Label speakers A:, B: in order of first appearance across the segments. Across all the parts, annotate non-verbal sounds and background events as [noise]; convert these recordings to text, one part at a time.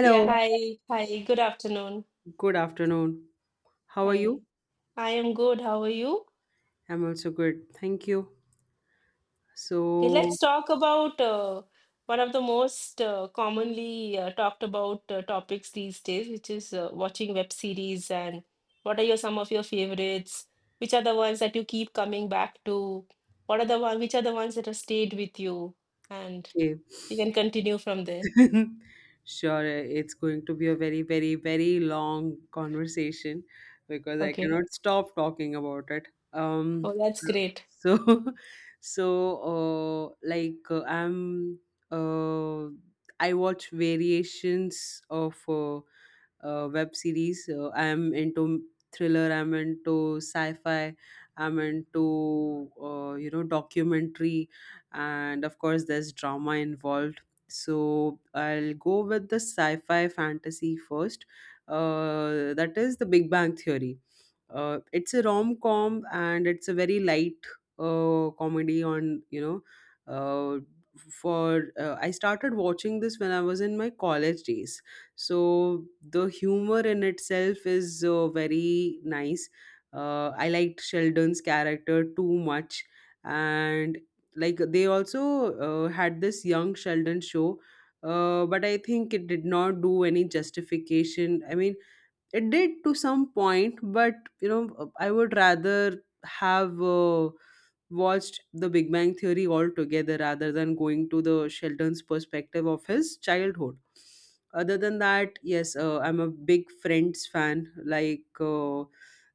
A: Yeah, hi, hi, good afternoon.
B: good afternoon. How are you?
A: Hi, I am good. How are you?
B: I'm also good. Thank you.
A: Okay,
B: So,
A: let's talk about one of the most commonly talked about topics these days, which is watching web series and what are your some of your favorites? Which are the ones that you keep coming back to? What are the one, which are the ones that have stayed with you? And
B: okay.
A: you can continue from there.
B: [laughs] Sure, it's going to be a very, very, very long conversation because I
A: Okay.
B: cannot stop talking about it. Um,
A: Oh, that's great.
B: so, [laughs] so, like, uh, I watch variations of web series. I'm into thriller. I'm into sci-fi. I'm into documentary, and of course, there's drama involved. So I'll go with the sci-fi fantasy first. That is The Big Bang Theory. It's a rom-com, and it's a very light comedy on you know uh, for I started watching this when I was in my college days, so the humor in itself is very nice. I liked Sheldon's character too much. And like, they also had this Young Sheldon show. But I think it did not do any justification. I mean, it did to some point, but I would rather have watched The Big Bang Theory altogether rather than going to the Sheldon's perspective of his childhood. Other than that, yes, I'm a big Friends fan. Like, uh,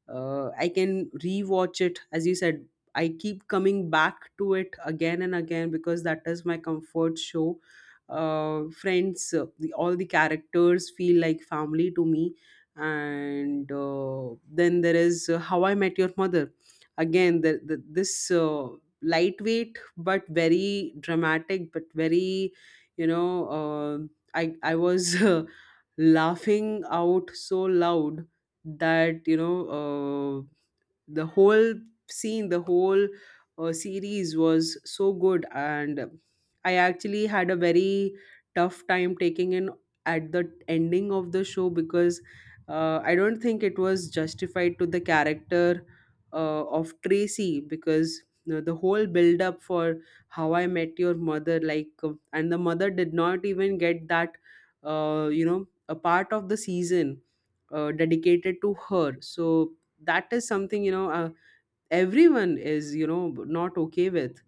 B: uh, I can rewatch it, as you said. I keep coming back to it again and again, because that is my comfort show. Friends, all the characters feel like family to me. And then there is, How I Met Your Mother. Again, this lightweight but very dramatic, but very you know uh, I was [laughs] laughing out so loud that uh, the whole scene the whole series was so good. And I actually had a very tough time taking in at the ending of the show, because I don't think it was justified to the character of Tracy, because the whole build up for How I Met Your Mother, like, and the mother did not even get that, a part of the season dedicated to her. So that is something, everyone is, not okay with.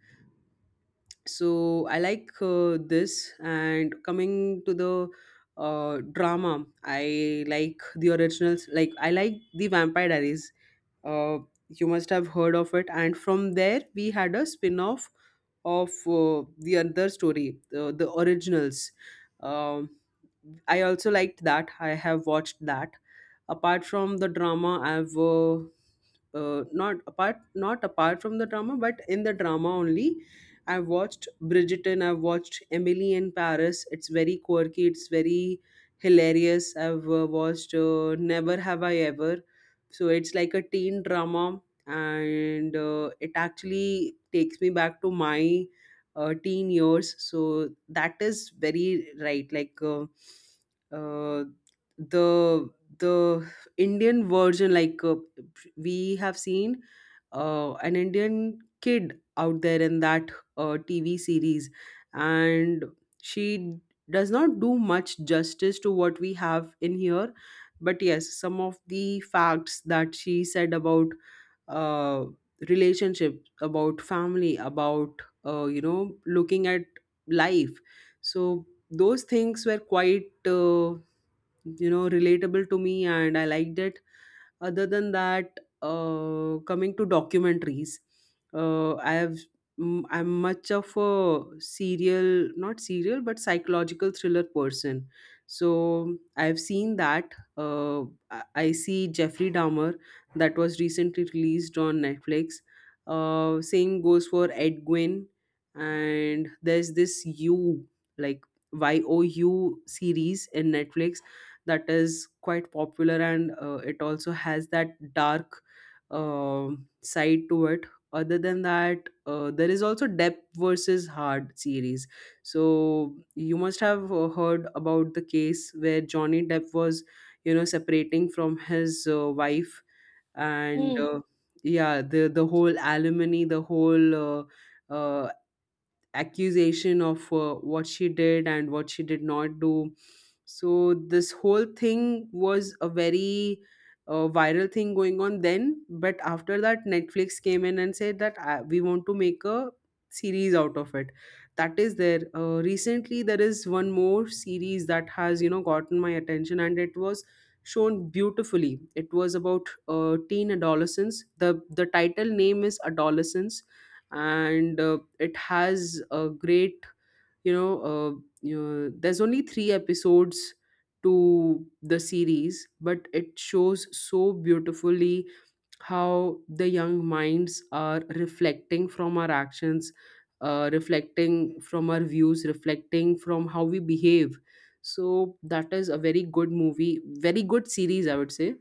B: So I like, this, and coming to the drama, I like The Originals. Like, I like The Vampire Diaries. uh, you must have heard of it, and from there we had a spin-off of the other story, The Originals. Um I also liked that. I have watched that. Apart from the drama, I've not apart from the drama, but in the drama only, I've watched Bridgerton. I've watched Emily in Paris. It's very quirky. It's very hilarious. I've watched Never Have I Ever. So it's like a teen drama, and it actually takes me back to my teen years, so that is very right. Like, uh, the the Indian version. Like, we have seen an Indian kid out there in that TV series. And she does not do much justice to what we have in here, but yes, some of the facts that she said about, uh, relationships, about family, about looking at life, so those things were quite, relatable to me, and I liked it. Other than that, coming to documentaries, uh, I have I'm much of a serial, not serial, but psychological thriller person. So I've seen that. I see Jeffrey Dahmer, that was recently released on Netflix. Same goes for Ed Gwynn, and there's this You, like You, series in Netflix that is quite popular, and it also has that dark side to it. Other than that, there is also Depth versus Hard series. So you must have heard about the case where Johnny Depp was separating from his wife, and
A: Hmm.
B: yeah, the whole alimony, the whole uh, accusation of what she did and what she did not do. So this whole thing was a very viral thing going on then. But after that, Netflix came in and said that we want to make a series out of it. That is there. Recently, there is one more series that has gotten my attention, and it was shown beautifully. It was about teen adolescence. The title name is Adolescence, and it has a great you know uh, you know, there's only three episodes to the series, but it shows so beautifully how the young minds are reflecting from our actions, reflecting from our views, reflecting from how we behave. So that is a very good movie, very good series, I would say.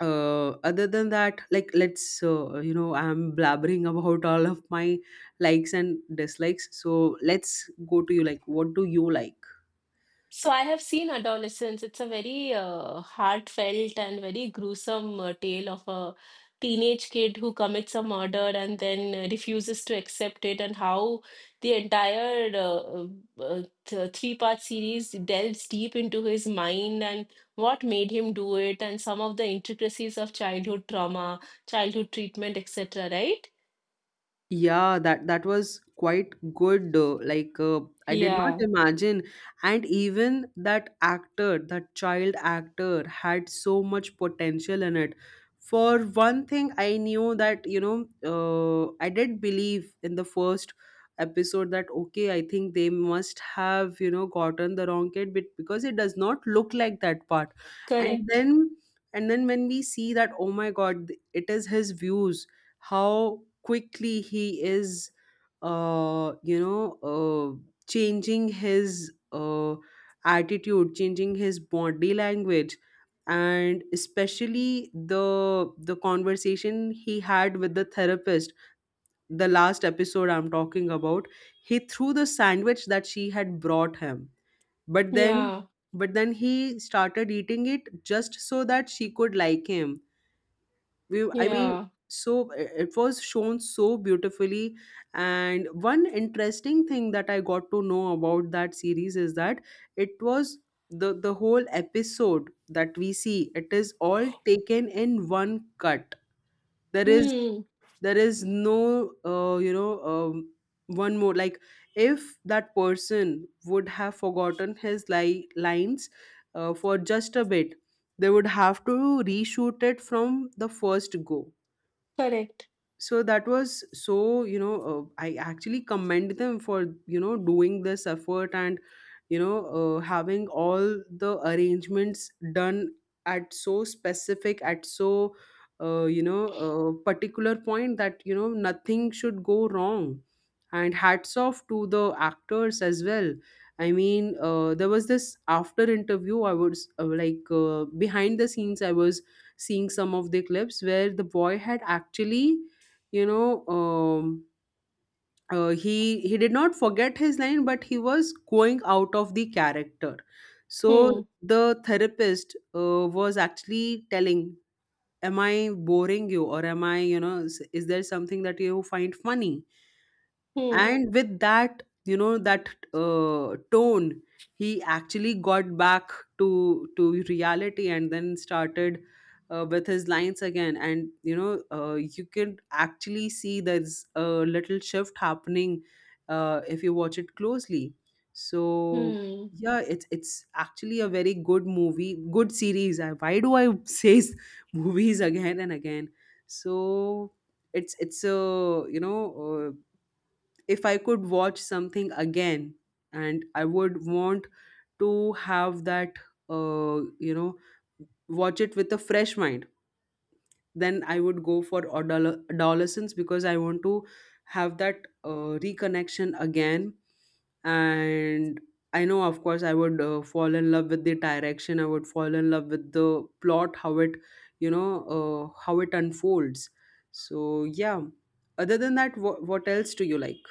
B: Other than that, like, let's, I'm blabbering about all of my likes and dislikes, so let's go to you. Like, what do you like?
A: So I have seen Adolescence. It's a very heartfelt and very gruesome tale of a teenage kid who commits a murder and then refuses to accept it, and how the entire three-part series delves deep into his mind and what made him do it, and some of the intricacies of childhood trauma, childhood treatment, etc. Right?
B: Yeah, that was quite good. Like, I did not
A: Yeah.
B: imagine, and even that actor, that child actor, had so much potential in it. For one thing, I knew that, I did believe in the first episode that okay, I think they must have gotten the wrong kid, but because it does not look like that part, and
A: Correct.
B: then and then when we see that, oh my God, it is his views. How quickly he is uh, you know uh, changing his attitude, changing his body language, and especially the conversation he had with the therapist, the last episode I'm talking about. He threw the sandwich that she had brought him, but then,
A: Yeah.
B: he started eating it just so that she could like him. We I mean,
A: Yeah.
B: so it was shown so beautifully. And one interesting thing that I got to know about that series is that it was, the whole episode that we see, it is all taken in one cut. there is
A: Hmm.
B: there is no uh, you know um, one more, like, if that person would have forgotten his lines for just a bit, they would have to reshoot it from the first go.
A: Correct.
B: So that was so, I actually commend them for doing this effort, and you know having all the arrangements done at so specific, at so particular point that nothing should go wrong. And hats off to the actors as well. I mean, there was this after interview. I was, like, behind the scenes, I was seeing some of the clips where the boy had actually, you know um, uh, he he did not forget his line, but he was going out of the character. So
A: Hmm.
B: the therapist was actually telling, am I boring you, or am I, is there something that you find funny.
A: Hmm.
B: And with that, you know, that tone, he actually got back to reality and then started with his lines again. And you can actually see there's a little shift happening, if you watch it closely. So,
A: Hmm.
B: yeah, it's actually a very good movie, good series. Why do I say [laughs] movies again and again. So, it's a you know uh, if I could watch something again, and I would want to have that, uh, you know, watch it with a fresh mind, then I would go for Adolescence, because I want to have that reconnection again. And I know, of course, I would fall in love with the direction, I would fall in love with the plot, how it, you know, how it unfolds. So, yeah. Other than that, what else do you like?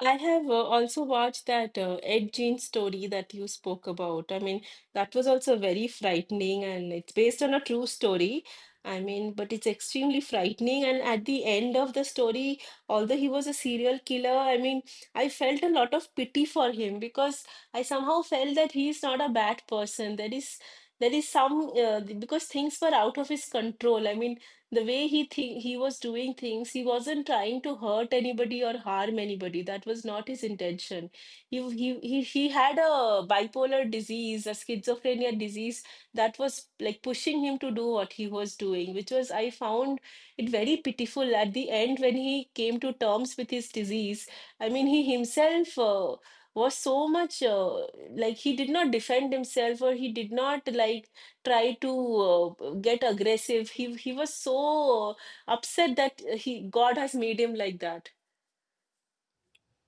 A: I have also watched that Ed Gein story that you spoke about. I mean, that was also very frightening, and it's based on a true story. I mean, but it's extremely frightening. And at the end of the story, although he was a serial killer, I mean, I felt a lot of pity for him because I somehow felt that he is not a bad person. There is some, because things were out of his control. I mean, the way he think he was doing things, he wasn't trying to hurt anybody or harm anybody. That was not his intention. He had a bipolar disease, a schizophrenia disease that was like pushing him to do what he was doing, which was, I found it very pitiful at the end when he came to terms with his disease. I mean, he himself, was so much, like he did not defend himself, or he did not like try to get aggressive. He was so upset that he, God has made him like that.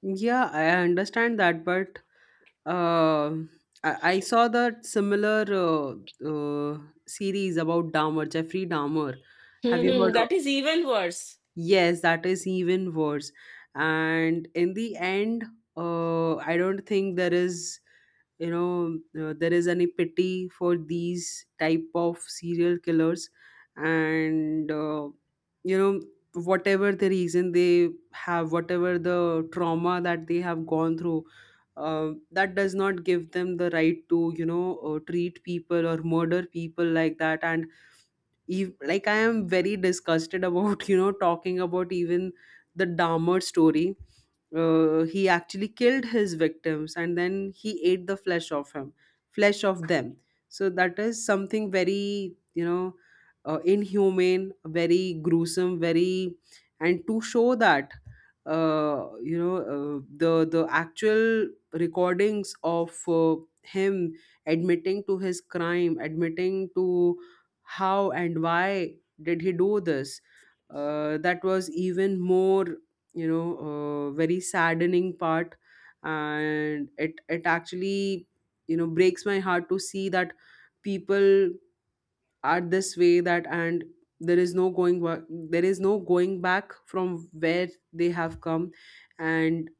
B: Yeah, I understand that, but uh, I saw that similar uh, series about Dahmer, Jeffrey Dahmer. Have you
A: Mhm.
B: heard of?
A: That is even worse.
B: Yes, that is even worse. And in the end, I don't think there is, there is any pity for these type of serial killers. And, you know, whatever the reason they have, whatever the trauma that they have gone through, that does not give them the right to, treat people or murder people like that. Like I am very disgusted about [laughs] talking about even the Dahmer story. He actually killed his victims and then he ate the flesh of them. So that is something very inhumane, very gruesome, very. And to show that, the actual recordings of him admitting to his crime, admitting to how and why did he do this, that was even more, very saddening part. And it actually, breaks my heart to see that people are this way. That, and there is no there is no going back from where they have come. And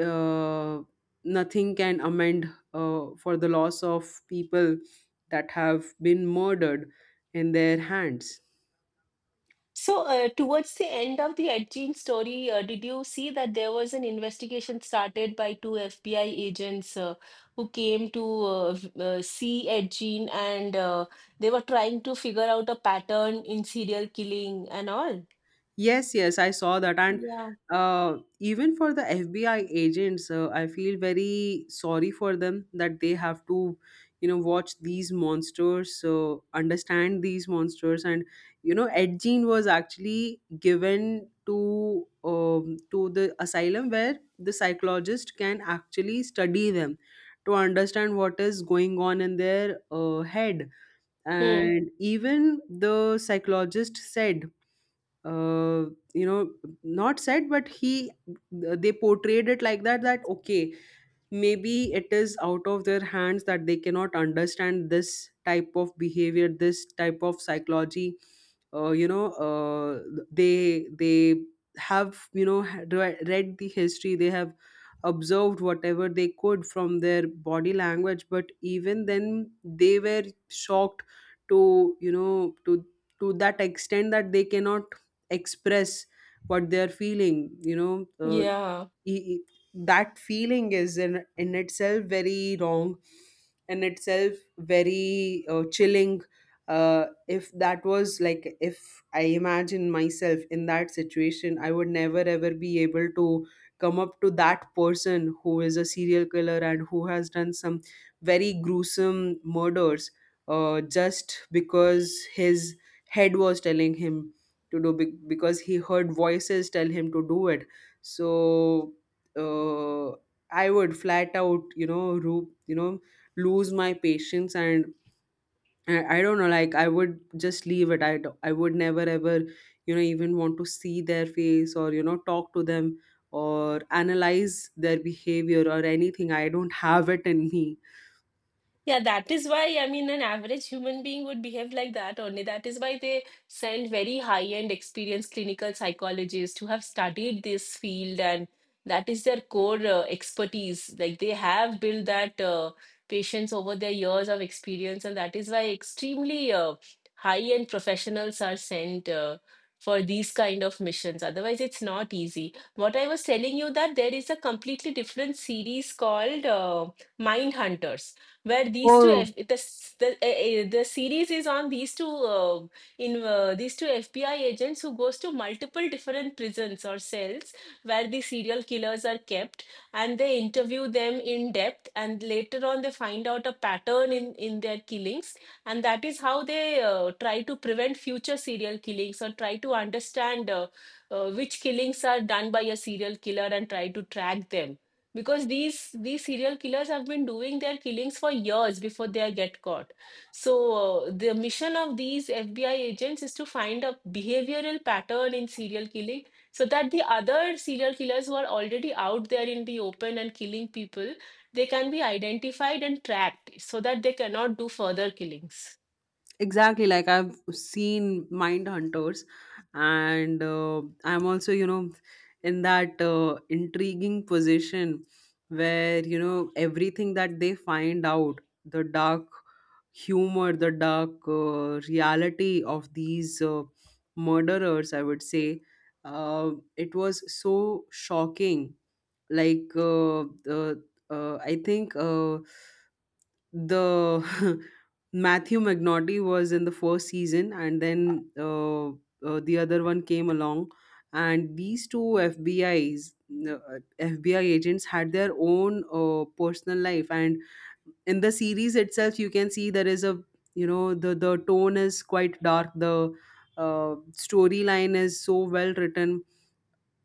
B: uh, nothing can amend for the loss of people that have been murdered in their hands.
A: So towards the end of the Ed Gein story, did you see that there was an investigation started by two FBI agents who came to see Ed Gein, and they were trying to figure out a pattern in serial killing and all.
B: Yes, yes, I saw that. And
A: Yeah.
B: even for the FBI agents, I feel very sorry for them that they have to, watch these monsters, so understand these monsters. And, Ed Gein was actually given to the asylum where the psychologist can actually study them to understand what is going on in their head.
A: Hmm.
B: And even the psychologist said, uh, you know not said, but he they portrayed it like that, that okay, maybe it is out of their hands that they cannot understand this type of behavior, this type of psychology. uh, you know uh, they have, had read the history. They have observed whatever they could from their body language, but even then they were shocked to, to that extent that they cannot express what they are feeling.
A: Yeah.
B: He, that feeling is in itself very wrong, in itself very chilling. If that was, like, if I imagine myself in that situation, I would never ever be able to come up to that person who is a serial killer and who has done some very gruesome murders, just because his head was telling him to because he heard voices tell him to do it. So uh, I would flat out, lose my patience. And I don't know, like I would just leave it. I would never ever, even want to see their face, or, talk to them or analyze their behavior or anything. I don't have it in me.
A: Yeah, that is why, I mean, an average human being would behave like that only. That is why they send very high-end experienced clinical psychologists who have studied this field, and that is their core expertise. Like they have built that patience over their years of experience, and that is why extremely high-end professionals are sent for these kind of missions. Otherwise, it's not easy. What I was telling you that there is a completely different series called Mind Hunters, where these two
B: Oh,
A: F- the s- the, uh, the series is on these two FBI agents who goes to multiple different prisons or cells where the serial killers are kept, and they interview them in depth, and later on they find out a pattern in their killings. And that is how they try to prevent future serial killings, or try to understand which killings are done by a serial killer and try to track them, because these serial killers have been doing their killings for years before they get caught. So the mission of these FBI agents is to find a behavioral pattern in serial killing so that the other serial killers who are already out there in the open and killing people, they can be identified and tracked so that they cannot do further killings.
B: exactly, like I've seen Mind Hunters. And I'm also, in that intriguing position where, everything that they find out, the dark humor, the dark reality of these murderers, I would say, uh, it was so shocking. Like, uh, I think the [laughs] Matthew McNaughty was in the first season, and then the other one came along, and these two FBI's uh, FBI agents had their own personal life. And in the series itself, you can see there is a, the tone is quite dark, the storyline is so well written.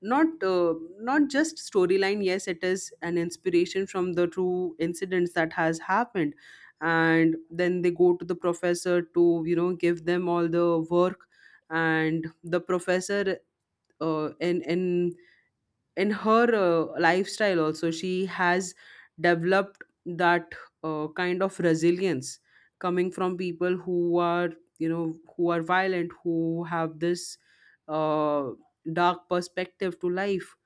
B: Not not just storyline, yes, it is an inspiration from the true incidents that has happened. And then they go to the professor to, give them all the work. And the professor, uh, in in in her lifestyle also, she has developed that kind of resilience coming from people who are, who are violent, who have this uh, dark perspective to life.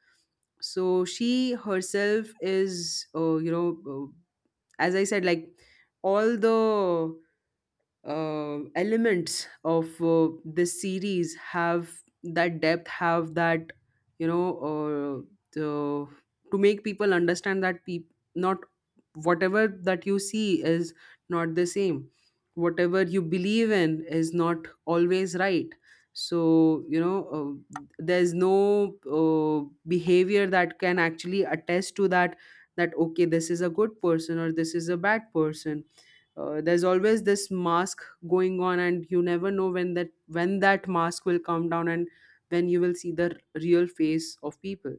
B: So she herself is, as I said, like, all the elements of this series have that depth, have that, you know uh, to, to make people understand that not whatever that you see is, not the same. Whatever you believe in is not always right. So, there's no behavior that can actually attest to that, that okay, this is a good person or this is a bad person. There's always this mask going on, and you never know when that, when that mask will come down, and when you will see the real face of people.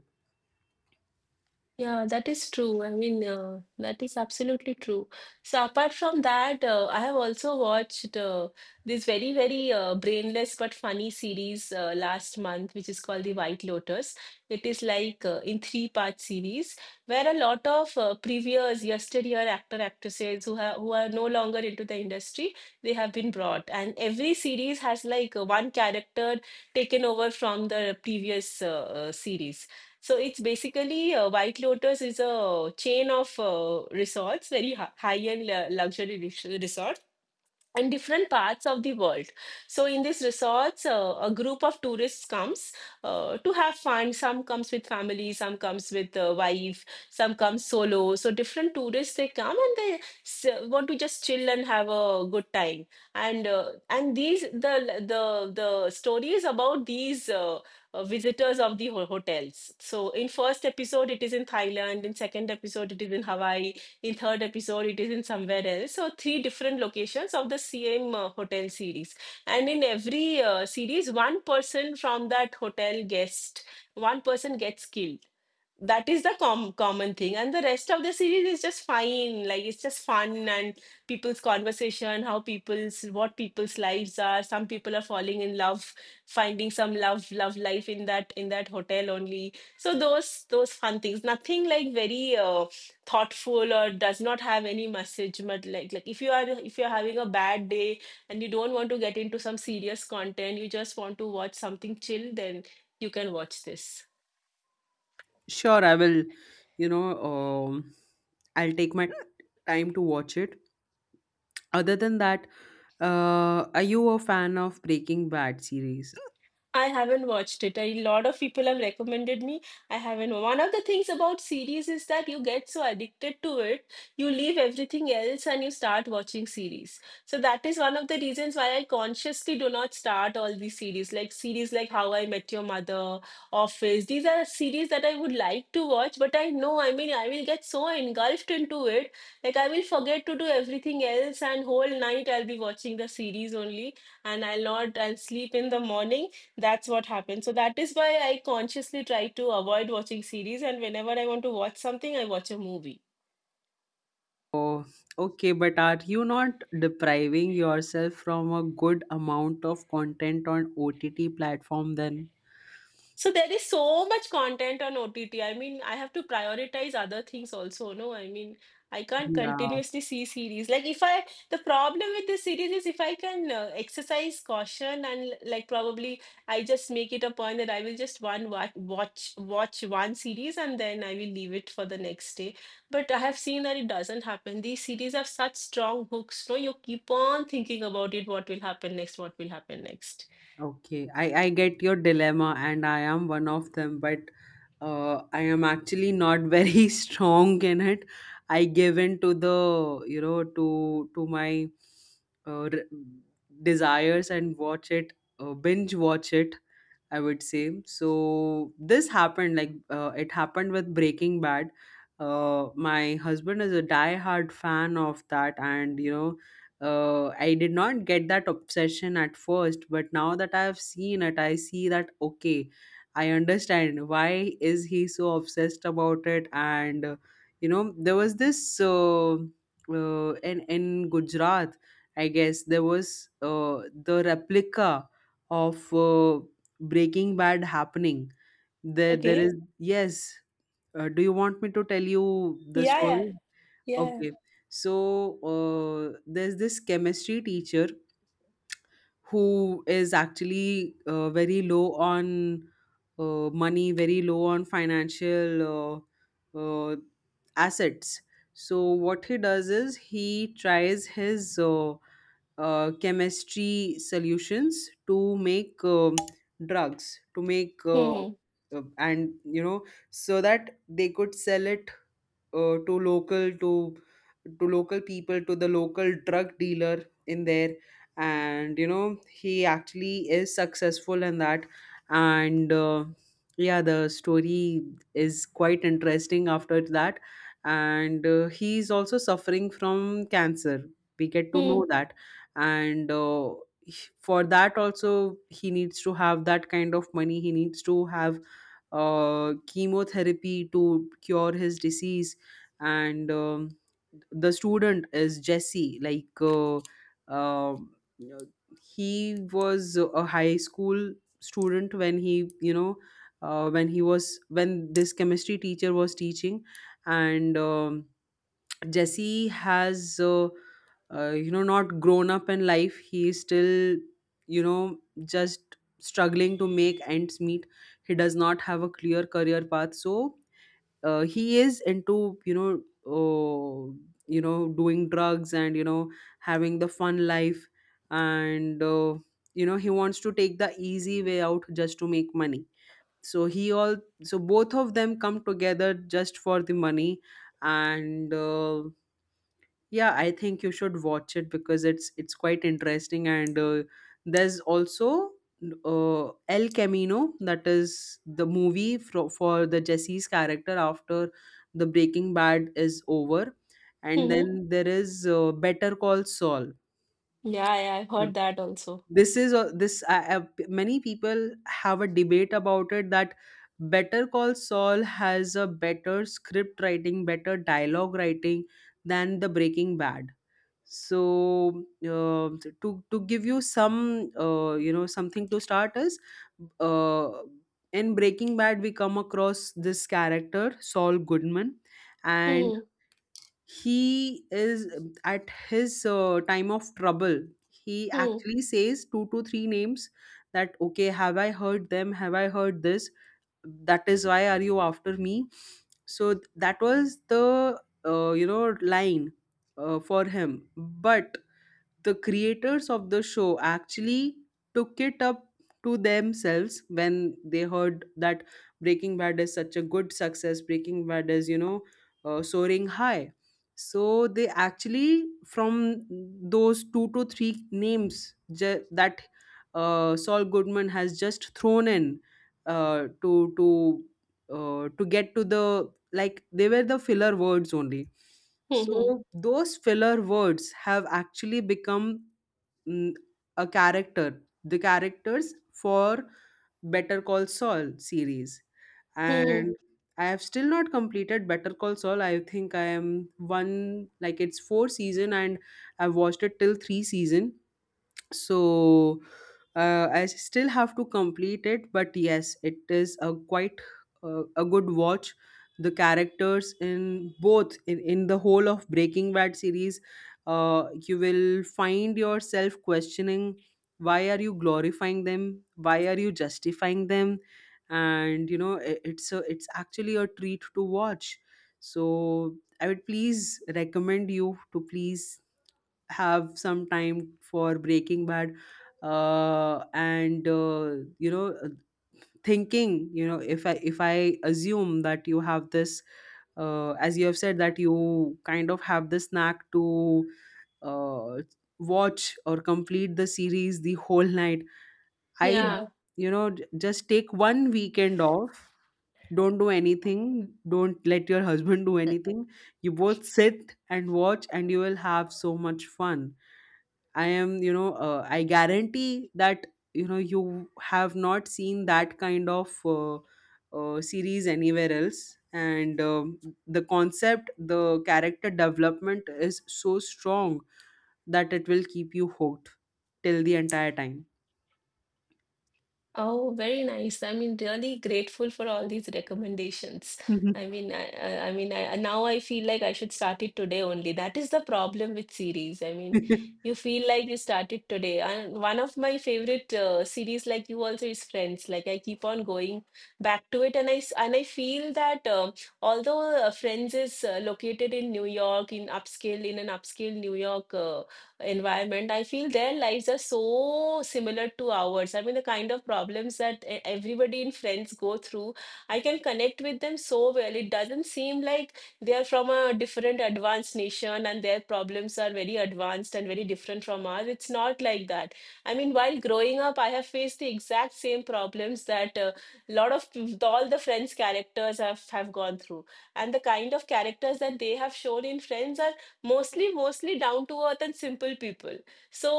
A: Yeah, that is true. I mean, that is absolutely true. So apart from that, I have also watched this very, very brainless but funny series last month, which is called The White Lotus. It is like in three-part series where a lot of previous yesteryear actor actresses who have who are no longer into the industry, they have been brought, and every series has like one character taken over from the previous series. So it's basically, White Lotus is a chain of resorts, very high-end luxury resorts and different parts of the world. So in these resorts, a group of tourists comes to have fun. Some comes with family, some comes with wife, some comes solo. So different tourists, they come, and they want to just chill and have a good time. And and these, the the stories about these visitors of the hotels. So in first episode it is in Thailand, in second episode it is in Hawaii, in third episode it is in somewhere else. So three different locations of the same hotel series. And in every series, one person from that hotel guest, one person gets killed. That is the common thing, and the rest of the series is just fine. Like it's just fun, and people's conversation, how people's, what people's lives are, some people are falling in love, finding some love love life in that, in that hotel only. So those fun things, nothing like very thoughtful, or does not have any message. But like if you are, if you're having a bad day and you don't want to get into some serious content, you just want to watch something chill, then you can watch this.
B: Sure, I will, you know um, I'll take my time to watch it. Other than that, are you a fan of Breaking Bad series?
A: I haven't watched it. A lot of people have recommended me. I haven't. One of the things about series is that you get so addicted to it, you leave everything else and you start watching series. So that is one of the reasons why I consciously do not start all these series like How I Met Your Mother, Office. These are series that I would like to watch, but I know, I mean, I will get so engulfed into it, like I will forget to do everything else, and whole night I'll be watching the series only, and I'll not, I'll sleep in the morning. That's what happens. So that is why I consciously try to avoid watching series, and whenever I want to watch something, I watch a movie.
B: Oh, okay, but are you not depriving yourself from a good amount of content on OTT platform then?
A: So there is so much content on OTT. I mean, I have to prioritize other things also, no? I mean, I can't
B: Yeah.
A: continuously see series. Like if I, the problem with this series is if I can exercise caution, and like probably I just make it a point that I will just one watch, watch one series and then I will leave it for the next day. But I have seen that it doesn't happen. These series have such strong hooks, no? You keep on thinking about it, what will happen next, what will happen next.
B: Okay, I get your dilemma, and I am one of them, but I am actually not very [laughs] strong in it. I give in to the, you know, to my uh, re- desires and watch it, binge watch it, I would say. So this happened, like, it happened with Breaking Bad. My husband is a die-hard fan of that, and you know, I did not get that obsession at first, but now that I have seen it, I see that okay, I understand why is he so obsessed about it. And you know, there was this in Gujarat, I guess there was the replica of Breaking Bad happening. There is,
A: Okay.
B: yes. Do you want me to tell you the
A: Yeah, yeah,
B: story?
A: yeah.
B: Okay. So there's this chemistry teacher who is actually very low on money, very low on financial uh, uh, assets. So what he does is he tries his chemistry solutions to make drugs, to make
A: Hmm.
B: and you know, so that they could sell it, uh, to local to to local people, to the local drug dealer in there. And you know, he actually is successful in that. And yeah, the story is quite interesting after that. And he is also suffering from cancer, we get to know
A: Hmm.
B: that. And for that also, he needs to have that kind of money. He needs to have chemotherapy to cure his disease. And the student is Jesse, like, um, he was a high school student when he, you know, when this chemistry teacher was teaching. And Jesse has, not grown up in life. He is still, you know just struggling to make ends meet. He does not have a clear career path. So he is into, doing drugs and, having the fun life. And you know, he wants to take the easy way out just to make money. So he all so both of them come together just for the money. And yeah, I think you should watch it because it's quite interesting. And there's also uh, El Camino, that is the movie for the Jesse's character after the Breaking Bad is over.
A: Hmm.
B: And
A: Hmm.
B: then there is Better Call Saul.
A: Yeah, yeah, I've
B: So
A: heard that also.
B: this is a, this I- p- many people have a debate about it that Better Call Saul has a better script writing, better dialogue writing than the Breaking Bad. So to give you some something to start is uh, in Breaking Bad, we come across this character Saul Goodman. And
A: Hmm.
B: he is at his time of trouble. He
A: Hmm.
B: actually says two to three names, that okay, have I heard them, have I heard this, that is why are you after me. So that was the, line for him. But the creators of the show actually took it up to themselves when they heard that Breaking Bad is such a good success, Breaking Bad is, you know, soaring high. So they actually, from those two to three names that Saul Goodman has just thrown in, uh, to to to get to the, like, they were the filler words only.
A: Hmm. Hmm.
B: So those filler words have actually become, mm, a character, the characters for Better Call Saul series.
A: Hmm. Hmm.
B: And I have still not completed Better Call Saul. I think I am one, like, it's four season, and I've watched it till three season. So I still have to complete it, but yes, it is a quite a good watch. The characters in both, in the whole of Breaking Bad series, you will find yourself questioning why are you glorifying them, why are you justifying them. And you know, it's a, it's actually a treat to watch. So I would please recommend you to please have some time for Breaking Bad. And you know Thinking, you know, if I assume that you have this, as you have said that you kind of have the snack to uh, watch or complete the series the whole night. I Yeah.
A: Yeah.
B: You know, just take one weekend off. Don't do anything. Don't let your husband do anything. You both sit and watch and you will have so much fun. I am, you know, I guarantee that, you know, you have not seen that kind of series anywhere else. And the concept, the character development is so strong that it will keep you hooked till the entire time.
A: Oh, very nice. I mean, really grateful for all these recommendations.
B: Mhm.
A: I mean, I mean, I, now I feel like I should start it today only. That is the problem with series. I mean, you
B: [laughs]
A: feel like you start it today. And one of my favorite series, like you also, is Friends. Like I keep on going back to it, and I feel that, although, Friends is located in New York, in upscale, in an upscale New York. Environment, I feel their lives are so similar to ours. I mean, the kind of problems that everybody in Friends go through, I can connect with them so well. It doesn't seem like they are from a different advanced nation and their problems are very advanced and very different from ours. It's not like that. I mean, while growing up, I have faced the exact same problems that a lot of all the Friends characters have gone through. And the kind of characters that they have shown in Friends are mostly down to earth and simple people. So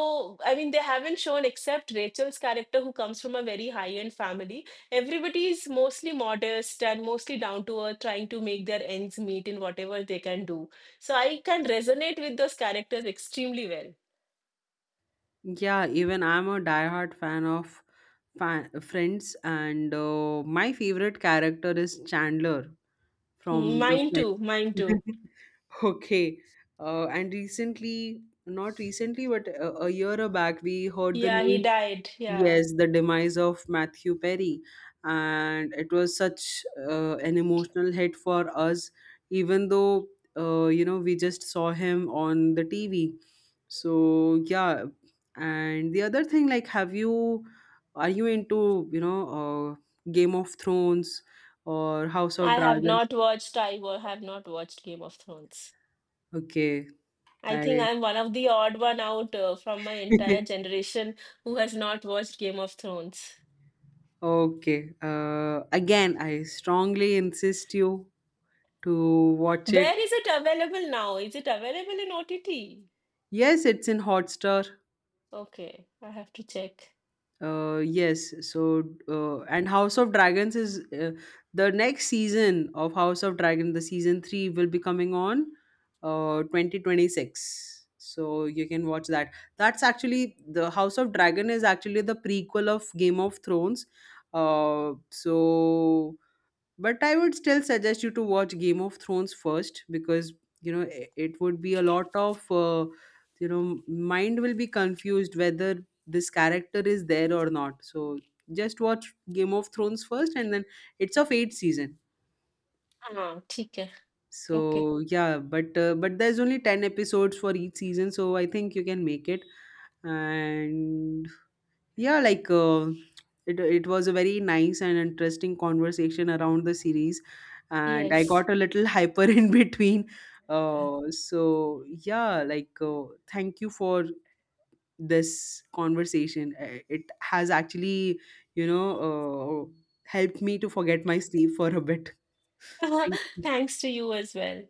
A: I mean, they haven't shown, except Rachel's character, who comes from a very high end family, everybody is mostly modest and mostly down to earth, trying to make their ends meet in whatever they can do. So I can resonate with those characters extremely well.
B: Yeah, even I'm a diehard fan of Friends, and my favorite character is Chandler from the
A: Mine
B: Friends.
A: too, mine too.
B: [laughs] Okay. And recently, not recently, but a year back, we heard the
A: Yeah, he
B: news.
A: died, yeah.
B: Yes, the demise of Matthew Perry. And it was such an emotional hit for us, even though, you know, we just saw him on the TV. So, yeah. And the other thing, like, have you, are you into, you know, Game of Thrones or House of
A: i have
B: Dragons?
A: not watched i wa- have not watched Game of Thrones.
B: Okay.
A: I
B: I
A: think I'm one of the odd one out from my entire
B: [laughs]
A: generation who has not watched Game of Thrones.
B: Okay. Again, I strongly insist you to watch it.
A: Where is it available now? Is it available in OTT?
B: Yes, it's in Hotstar.
A: Okay, I have to check.
B: Yes. So, and House of Dragons is the next season of House of Dragon. The season three will be coming on 2026. So you can watch that. That's actually the House of Dragon is actually the prequel of Game of Thrones. So but I would still suggest you to watch Game of Thrones first because, you know, it would be a lot of, you know mind will be confused whether this character is there or not. So just watch Game of Thrones first, and then it's of 8 season.
A: Ah, ठीक है. Okay.
B: So yeah, but there's only 10 episodes for each season, so I think you can make it. And yeah, like, it was a very nice and interesting conversation around the series, and I
A: Yes.
B: got a little hyper [laughs] in between. So yeah, like, thank you for this conversation. It has actually, you know, helped me to forget my sleep for a bit. [laughs] Thank
A: [laughs]
B: you.
A: Thanks to you as well.